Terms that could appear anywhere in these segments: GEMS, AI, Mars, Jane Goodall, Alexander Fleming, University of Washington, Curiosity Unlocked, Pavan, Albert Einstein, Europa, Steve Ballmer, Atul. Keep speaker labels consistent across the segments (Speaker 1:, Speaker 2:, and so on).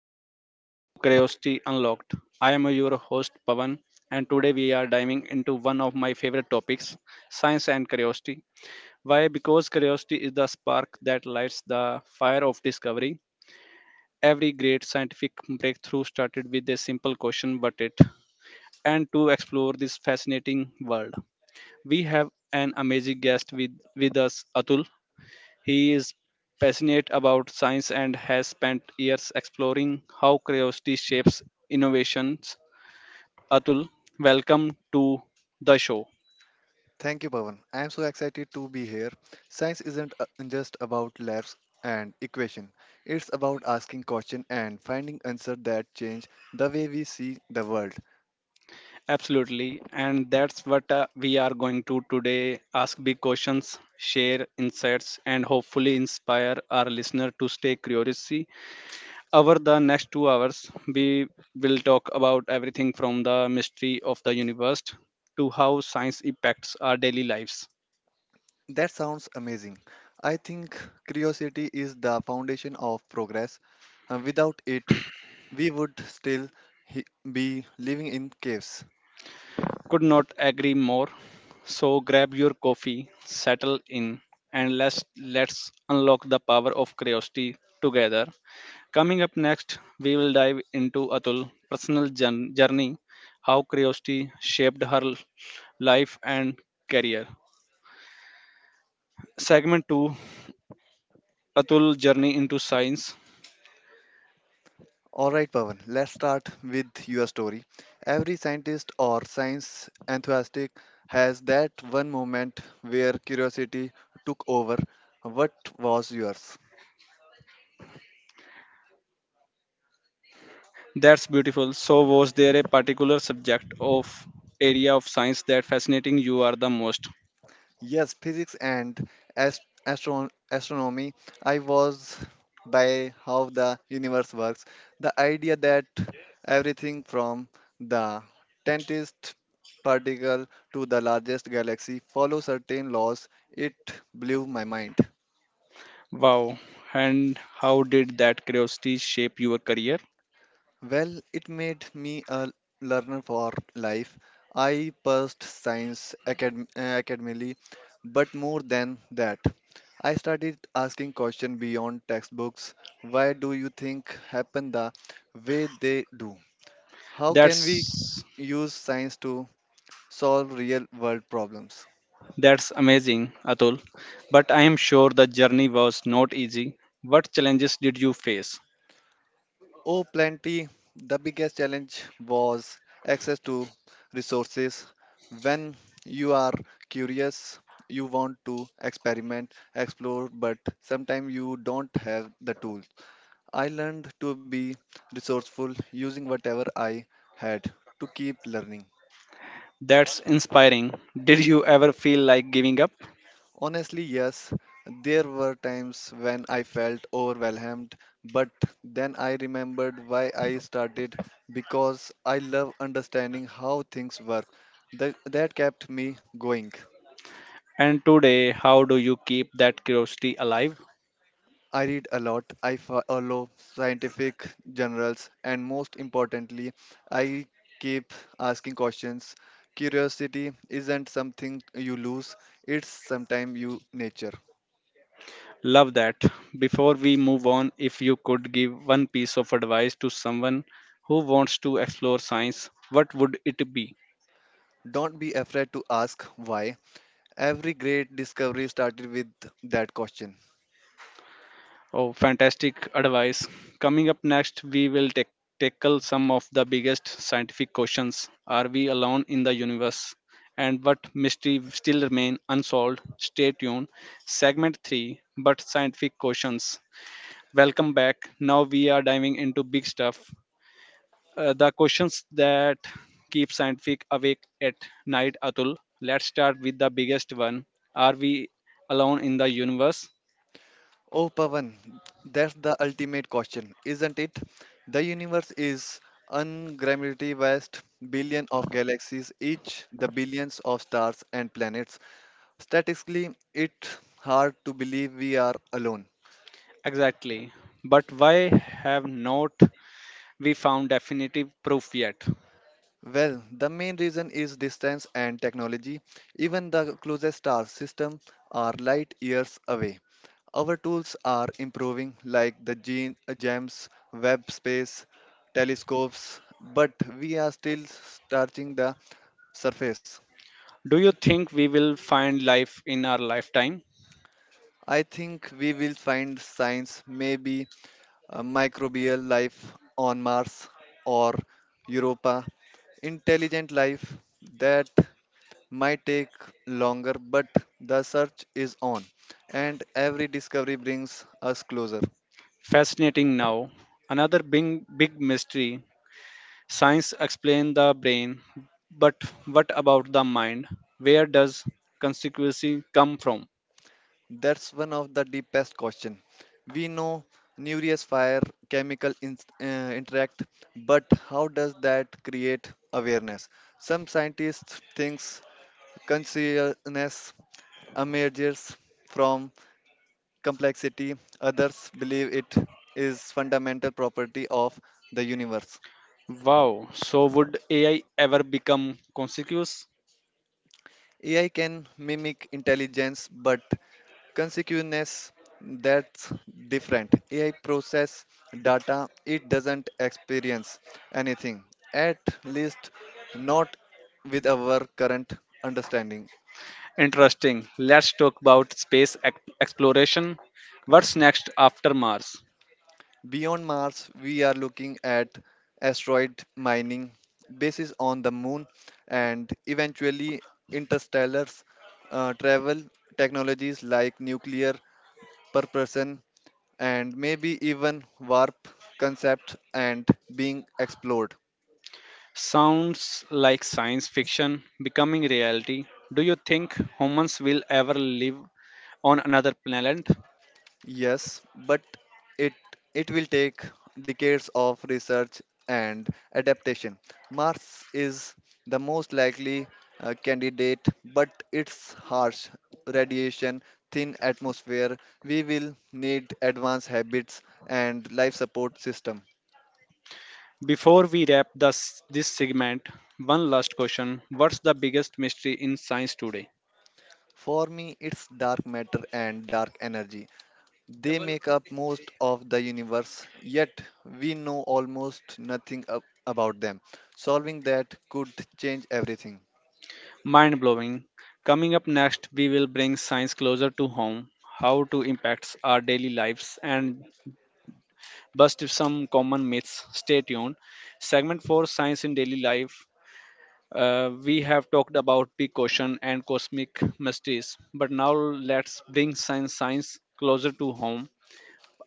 Speaker 1: Hello and welcome to Curiosity Unlocked. I am your host Pavan, and today we are diving into one of my favorite topics, science and curiosity. Why? Because curiosity is the spark that lights the fire of discovery. Every great scientific breakthrough started with a simple question what it and to explore this fascinating world. We have an amazing guest with us, Atul. He is passionate about science and has spent years exploring how curiosity shapes innovations. Atul, welcome to the show.
Speaker 2: Thank you, Pavan. I am so excited to be here. Science isn't just about labs and equation. It's about asking question and finding answer that change the way we see the world.
Speaker 1: Absolutely, and that's what we are going to today ask big questions, share insights, and hopefully inspire our listener to stay curious. Over the next 2 hours, we will talk about everything from the mystery of the universe to how science impacts our daily lives.
Speaker 2: That sounds amazing. I think curiosity is the foundation of progress. Without it, we would still he- be living in caves.
Speaker 1: Could not agree more. So grab your coffee, settle in, and let's unlock the power of curiosity together. Coming up next, we will dive into Atul' journey, how curiosity shaped life and career. Segment 2, Atul journey into science.
Speaker 2: All right, Pavan, let's start with your story. Every scientist or science enthusiast has that one moment where curiosity took over. What was yours?
Speaker 1: That's beautiful. So was there a particular subject of area of science that fascinating you are the most?
Speaker 2: Yes, physics and astronomy. I was by how the universe works. The idea that everything from the tiniest particle to the largest galaxy follows certain laws, it blew my mind.
Speaker 1: Wow. And how did that curiosity shape your career?
Speaker 2: Well, it made me a learner for life. I pursued science academically, but more than that, I started asking questions beyond textbooks. Why do you think happen the way they do? How can we
Speaker 1: That's
Speaker 2: use science to solve real world problems?
Speaker 1: that's amazing, Atul. But I am sure the journey was not easy. What challenges did you face?
Speaker 2: Oh, plenty. The biggest challenge was access to resources. When you are curious, you want to experiment, explore, but sometimes you don't have the tools. I learned to be resourceful using whatever I had to keep learning.
Speaker 1: That's inspiring. Did you ever feel like giving up?
Speaker 2: Honestly, yes, there were times when I felt overwhelmed, but then I remembered why I started because I love understanding how things work. That kept me going.
Speaker 1: And today, how do you keep that curiosity alive?
Speaker 2: I read a lot, I follow scientific journals, and most importantly, I keep asking questions. Curiosity isn't something you lose, it's sometimes you nature.
Speaker 1: Love that. Before we move on, if you could give one piece of advice to someone who wants to explore science, what would it be?
Speaker 2: Don't be afraid to ask why. Every great discovery started with that question.
Speaker 1: Oh, fantastic advice. Coming up next, we will tackle some of the biggest scientific questions. Are we alone in the universe? And what mystery still remain unsolved? Stay tuned. Segment 3, but scientific questions. Welcome back. Now we are diving into big stuff. The questions that keep scientific awake at night, Atul. Let's start with the biggest one. Are we alone in the universe?
Speaker 2: Oh, Pavan, that's the ultimate question, isn't it? The universe is ungrammarily vast, billion of galaxies, each the billions of stars and planets. Statistically, it's hard to believe we are alone.
Speaker 1: Exactly. But why have not we found definitive proof yet?
Speaker 2: Well, the main reason is distance and technology. Even the closest star system are light years away. Our tools are improving, like the GEMS, web space, telescopes, but we are still starting the surface.
Speaker 1: Do you think we will find life in our lifetime?
Speaker 2: I think we will find signs, maybe microbial life on Mars or Europa, intelligent life that might take longer, but the search is on, and every discovery brings us closer.
Speaker 1: Fascinating now. Another big mystery. Science explains the brain, but what about the mind? Where does consequency come from?
Speaker 2: That's one of the deepest question. We know nucleus fire chemical interact, but how does that create awareness? Some scientists thinks consciousness emerges from complexity, others believe it is fundamental property of the universe.
Speaker 1: Wow, so would AI ever become conscious?
Speaker 2: AI can mimic intelligence, but consciousness that's different. AI process data, it doesn't experience anything, at least not with our current understanding.
Speaker 1: Interesting. Let's talk about exploration. What's next after Mars?
Speaker 2: Beyond Mars, we are looking at asteroid mining, bases on the moon, and eventually interstellar travel technologies like nuclear propulsion and maybe even warp concept and being explored.
Speaker 1: Sounds like science fiction becoming reality. Do you think humans will ever live on another planet?
Speaker 2: Yes, but it it will take decades of research and adaptation. Mars is the most likely candidate, but its harsh radiation, thin atmosphere, we will need advanced habits and life support system.
Speaker 1: Before we wrap this segment, one last question. What's the biggest mystery in science today?
Speaker 2: For me, it's dark matter and dark energy. They make up most of the universe, yet we know almost nothing about them. Solving that could change everything.
Speaker 1: Mind blowing. Coming up next, we will bring science closer to home, how to impacts our daily lives, and bust some common myths. Stay tuned. Segment 4, Science in Daily Life. We have talked about big ocean and cosmic mysteries, but now let's bring science closer to home.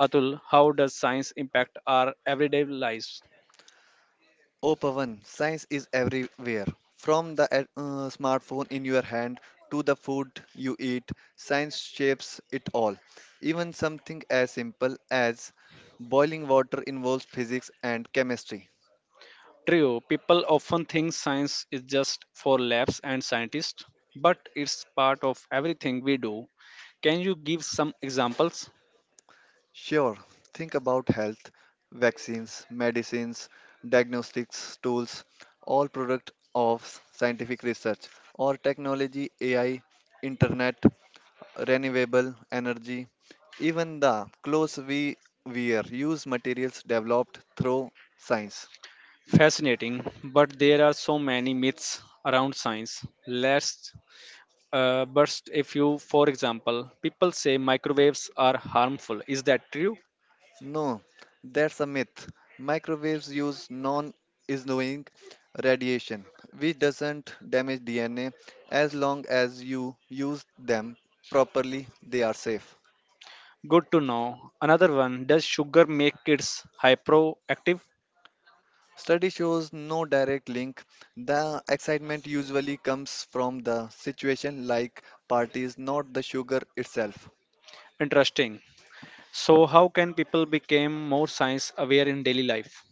Speaker 1: Atul, how does science impact our everyday lives?
Speaker 2: Oh, Pavan, science is everywhere. From the smartphone in your hand to the food you eat, science shapes it all. Even something as simple as boiling water involves physics and chemistry.
Speaker 1: True, people often think science is just for labs and scientists, but it's part of everything we do. Can you give some examples?
Speaker 2: Sure, think about health, vaccines, medicines, diagnostics, tools, all product of scientific research or technology, AI, internet, renewable energy, even the clothes we wear use materials developed through science.
Speaker 1: Fascinating, but there are so many myths around science. Let's but if you, for example, people say microwaves are harmful. Is that true?
Speaker 2: No, that's a myth. Microwaves use non-ionizing radiation, which doesn't damage DNA. As long as you use them properly, they are safe.
Speaker 1: Good to know. Another one, does sugar make kids hyperactive?
Speaker 2: Study shows no direct link. The excitement usually comes from the situation like parties, not the sugar itself.
Speaker 1: Interesting. So, how can people become more science aware in daily life?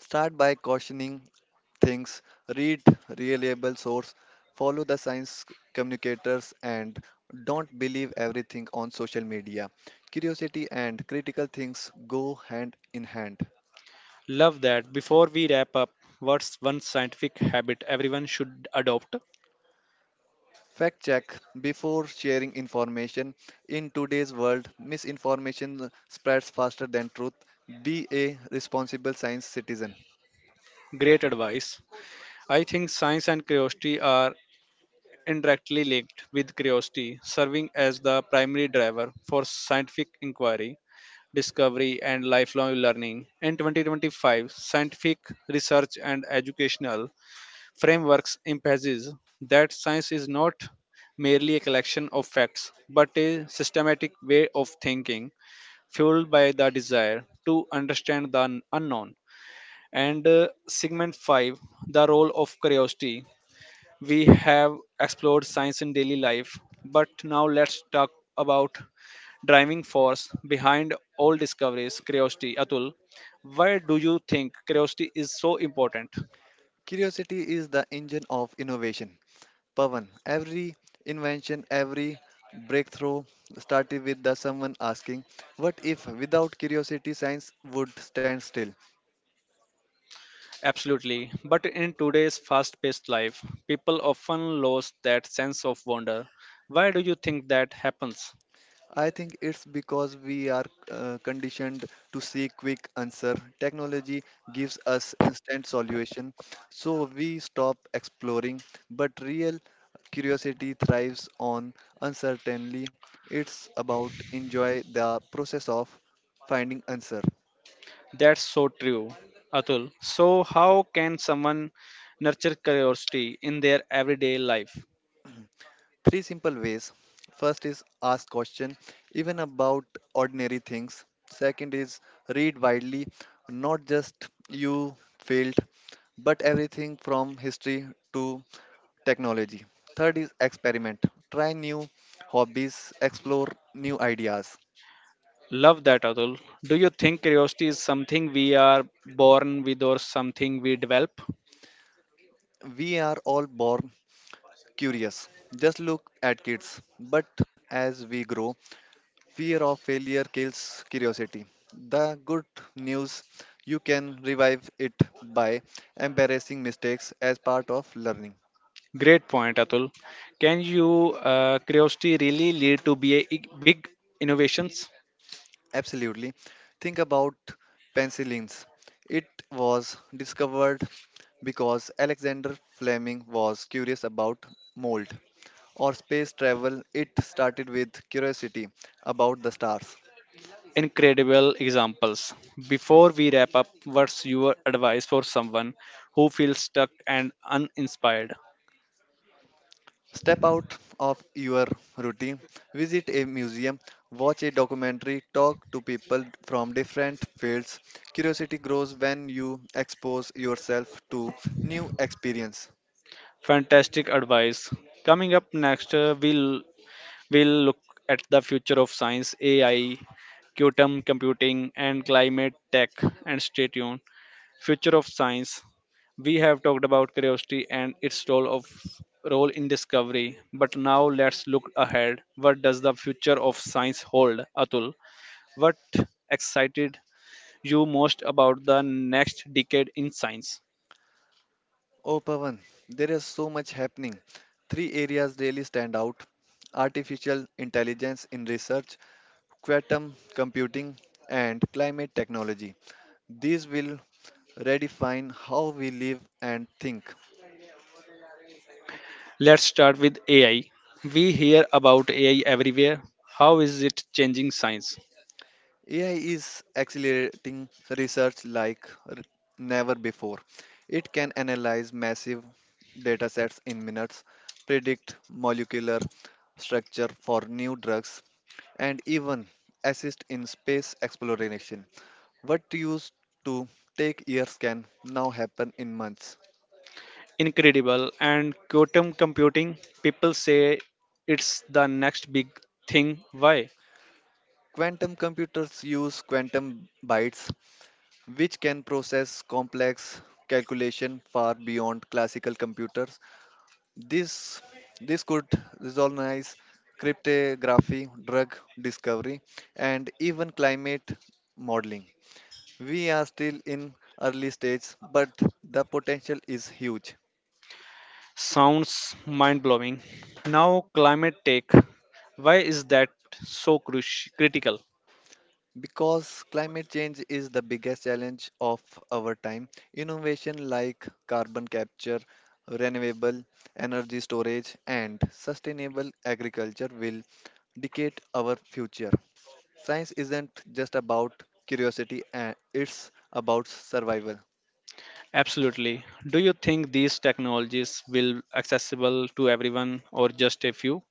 Speaker 2: Start by cautioning things, read reliable source, follow the science communicators and don't believe everything on social media. Curiosity and critical things go hand in hand.
Speaker 1: Love that. Before we wrap up, what's one scientific habit everyone should adopt?
Speaker 2: Fact check before sharing information. In today's world, misinformation spreads faster than truth. Be a responsible science citizen.
Speaker 1: Great advice. I think science and curiosity are indirectly linked with curiosity, serving as the primary driver for scientific inquiry, discovery, and lifelong learning. In 2025, scientific research and educational frameworks emphasize that science is not merely a collection of facts, but a systematic way of thinking fueled by the desire to understand the unknown. And segment 5, the role of curiosity. We have explored science in daily life, but now let's talk about driving force behind all discoveries, curiosity. Atul, why do you think curiosity is so important?
Speaker 2: Curiosity is the engine of innovation. Pavan, every invention, every breakthrough started with the someone asking, what if without curiosity science would stand still?
Speaker 1: Absolutely. But in today's fast paced life, people often lose that sense of wonder. Why do you think that happens?
Speaker 2: I think it's because we are conditioned to seek quick answer. Technology gives us instant solution, so we stop exploring. But real curiosity thrives on uncertainty. It's about enjoy the process of finding answer.
Speaker 1: That's so true, Atul. So, how can someone nurture curiosity in their everyday life?
Speaker 2: Three simple ways. First is ask question even about ordinary things. Second is read widely, not just you failed, but everything from history to technology. Third is experiment. Try new hobbies, explore new ideas.
Speaker 1: Love that, Atul. Do you think curiosity is something we are born with or something we develop?
Speaker 2: We are all born curious. Just look at kids, but as we grow, fear of failure kills curiosity. The good news you can revive it by embarrassing mistakes as part of learning.
Speaker 1: Great point, Atul. Can you curiosity really lead to be big innovations?
Speaker 2: Absolutely. Think about penicillins. It was discovered because Alexander Fleming was curious about mold or space travel. It started with curiosity about the stars.
Speaker 1: Incredible examples. Before we wrap up, what's your advice for someone who feels stuck and uninspired?
Speaker 2: Step out of your routine, visit a museum, watch a documentary, talk to people from different fields. Curiosity grows when you expose yourself to new experience.
Speaker 1: Fantastic advice. Coming up next, we'll look at the future of science, AI, quantum computing, and climate tech. And stay tuned. Future of science. We have talked about curiosity and its role of role in discovery, but now let's look ahead. What does the future of science hold, Atul? What excited you most about the next decade in science?
Speaker 2: Oh, Pavan, there is so much happening. Three areas really stand out artificial intelligence in research, quantum computing, and climate technology. These will redefine how we live and think.
Speaker 1: Let's start with AI. We hear about AI everywhere. How is it changing science?
Speaker 2: AI is accelerating research never before. It can analyze massive datasets in minutes, predict molecular structure for new drugs, and even assist in space exploration. What used to take years can now happen in months.
Speaker 1: Incredible. And quantum computing, people say it's the next big thing. Why?
Speaker 2: Quantum computers use quantum bytes, which can process complex calculation far beyond classical computers. This this could revolutionize cryptography, drug discovery, and even climate modeling. We are still in early stage, but the potential is huge.
Speaker 1: Sounds mind blowing. Now, climate tech. Why is that so critical?
Speaker 2: Because climate change is the biggest challenge of our time, innovation like carbon capture, renewable energy storage, and sustainable agriculture will dictate our future. Science isn't just about curiosity, and it's about survival.
Speaker 1: Absolutely. Do you think these technologies will accessible to everyone or just a few?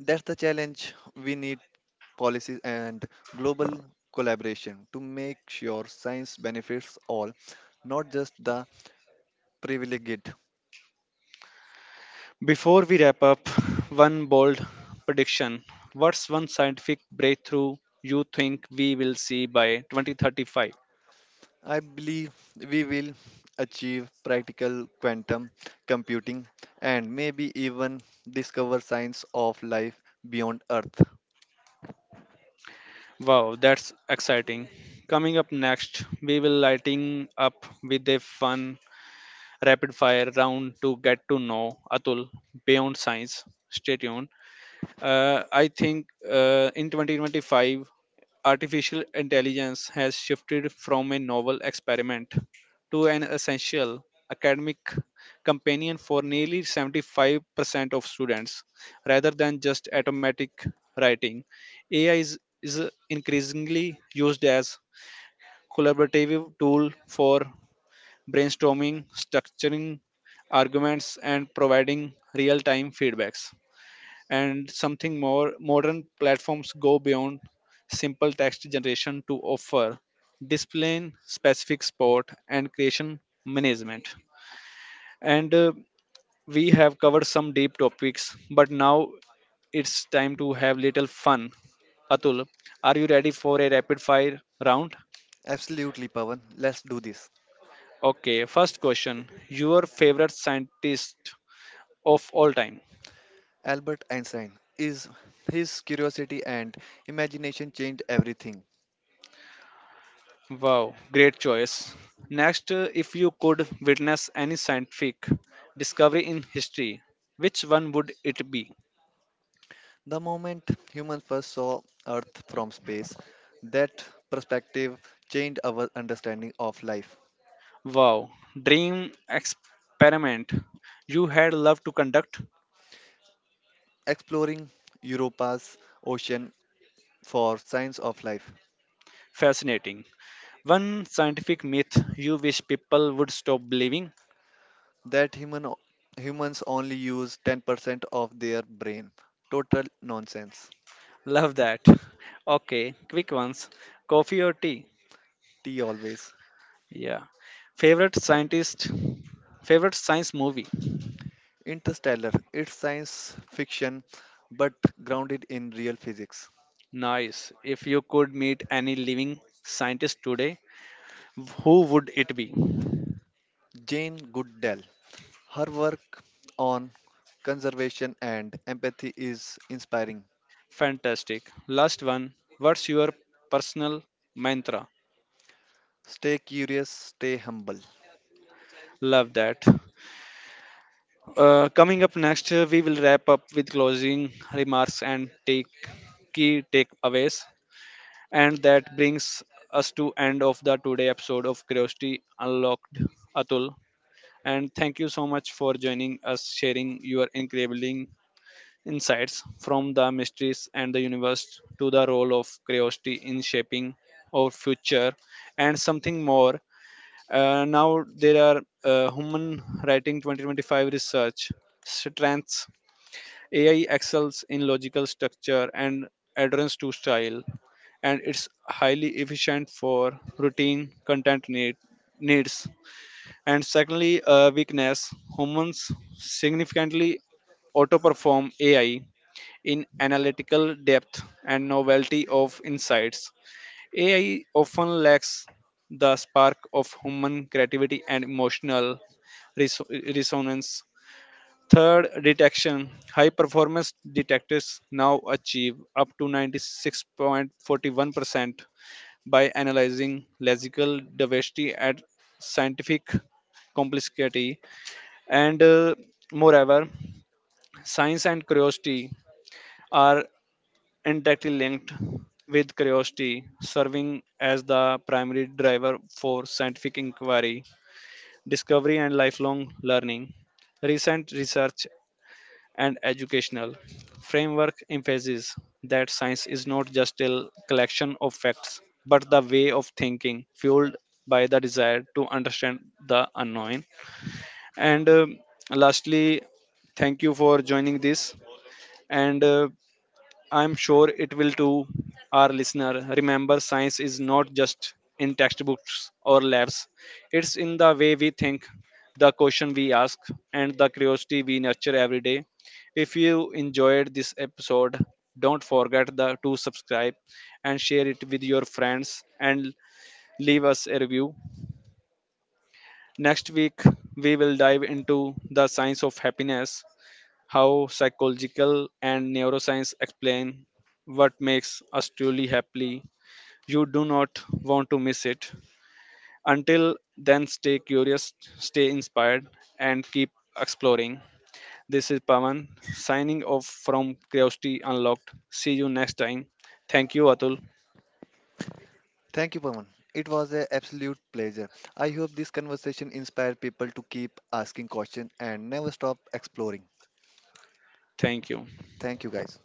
Speaker 2: That's the challenge. We need policies and global collaboration to make sure science benefits all, not just the privileged.
Speaker 1: Before we wrap up, one bold prediction. What's one scientific breakthrough you think we will see by 2035?
Speaker 2: I believe we will achieve practical quantum computing and maybe even discover science of life beyond Earth.
Speaker 1: Wow, that's exciting. Coming up next, we will lighting up with a fun rapid fire round to get to know Atul beyond science. Stay tuned. I think In 2025, artificial intelligence has shifted from a novel experiment to an essential academic companion for nearly 75% of students, rather than just automatic writing. Ai is increasingly used as collaborative tool for brainstorming, structuring arguments, and providing real-time feedbacks. And something more modern platforms go beyond simple text generation to offer displaying specific sport and creation management. And we have covered some deep topics, but now it's time to have little fun. Atul, are you ready for a rapid fire round?
Speaker 2: Absolutely, Pavan. Let's do this.
Speaker 1: Okay, first question, your favorite scientist of all time.
Speaker 2: Albert Einstein is his curiosity and imagination changed everything.
Speaker 1: Wow, great choice. Next, if you could witness any scientific discovery in history, which one would it be?
Speaker 2: The moment humans first saw Earth from space, that perspective changed our understanding of life.
Speaker 1: Wow, dream experiment you had loved to conduct?
Speaker 2: Exploring Europa's ocean for signs of life,
Speaker 1: Fascinating. One scientific myth you wish people would stop believing?
Speaker 2: that humans only use 10% of their brain. Total nonsense.
Speaker 1: Love that. Okay, quick ones. Coffee or tea?
Speaker 2: T always.
Speaker 1: Yeah. Favorite scientist? Favorite science movie?
Speaker 2: Interstellar. It's science fiction but grounded in real physics.
Speaker 1: Nice. If you could meet any living scientist today, who would it be?
Speaker 2: Jane Goodall. Her work on conservation and empathy is inspiring.
Speaker 1: Fantastic. Last one. What's your personal mantra?
Speaker 2: Stay curious, stay humble.
Speaker 1: Love that. Coming up next, we will wrap up with closing remarks and take key takeaways. And that brings us to end of the today episode of Curiosity Unlocked, Atul. And thank you so much for joining us, sharing your incredible insights from the mysteries and the universe to the role of curiosity in shaping our future and something more. Now there are human writing 2025 research strengths. AI excels in logical structure and adherence to style, and it's highly efficient for routine content needs. And secondly, weakness humans significantly auto perform AI in analytical depth and novelty of insights. AI often lacks the spark of human creativity and emotional resonance. Third, detection. High performance detectors now achieve up to 96.41% by analyzing lexical diversity at scientific complexity. And moreover, science and curiosity are indirectly linked with curiosity, serving as the primary driver for scientific inquiry, discovery, and lifelong learning. Recent research and educational framework emphasizes that science is not just a collection of facts, but the way of thinking fueled by the desire to understand the unknown. And lastly, thank you for joining this. And I'm sure it will too. Our listener, remember science is not just in textbooks or labs. It's in the way we think, the question we ask, and the curiosity we nurture every day. If you enjoyed this episode, don't forget to subscribe and share it with your friends and leave us a review. Next week, we will dive into the science of happiness, how psychological and neuroscience explain what makes us truly happy. You do not want to miss it. Until then, stay curious, stay inspired, and keep exploring. This is Pavan signing off from Curiosity Unlocked. See you next time. Thank you, Atul.
Speaker 2: Thank you, Pawan. It was an absolute pleasure. I hope this conversation inspired people to keep asking questions and never stop exploring.
Speaker 1: Thank you.
Speaker 2: Thank you, guys.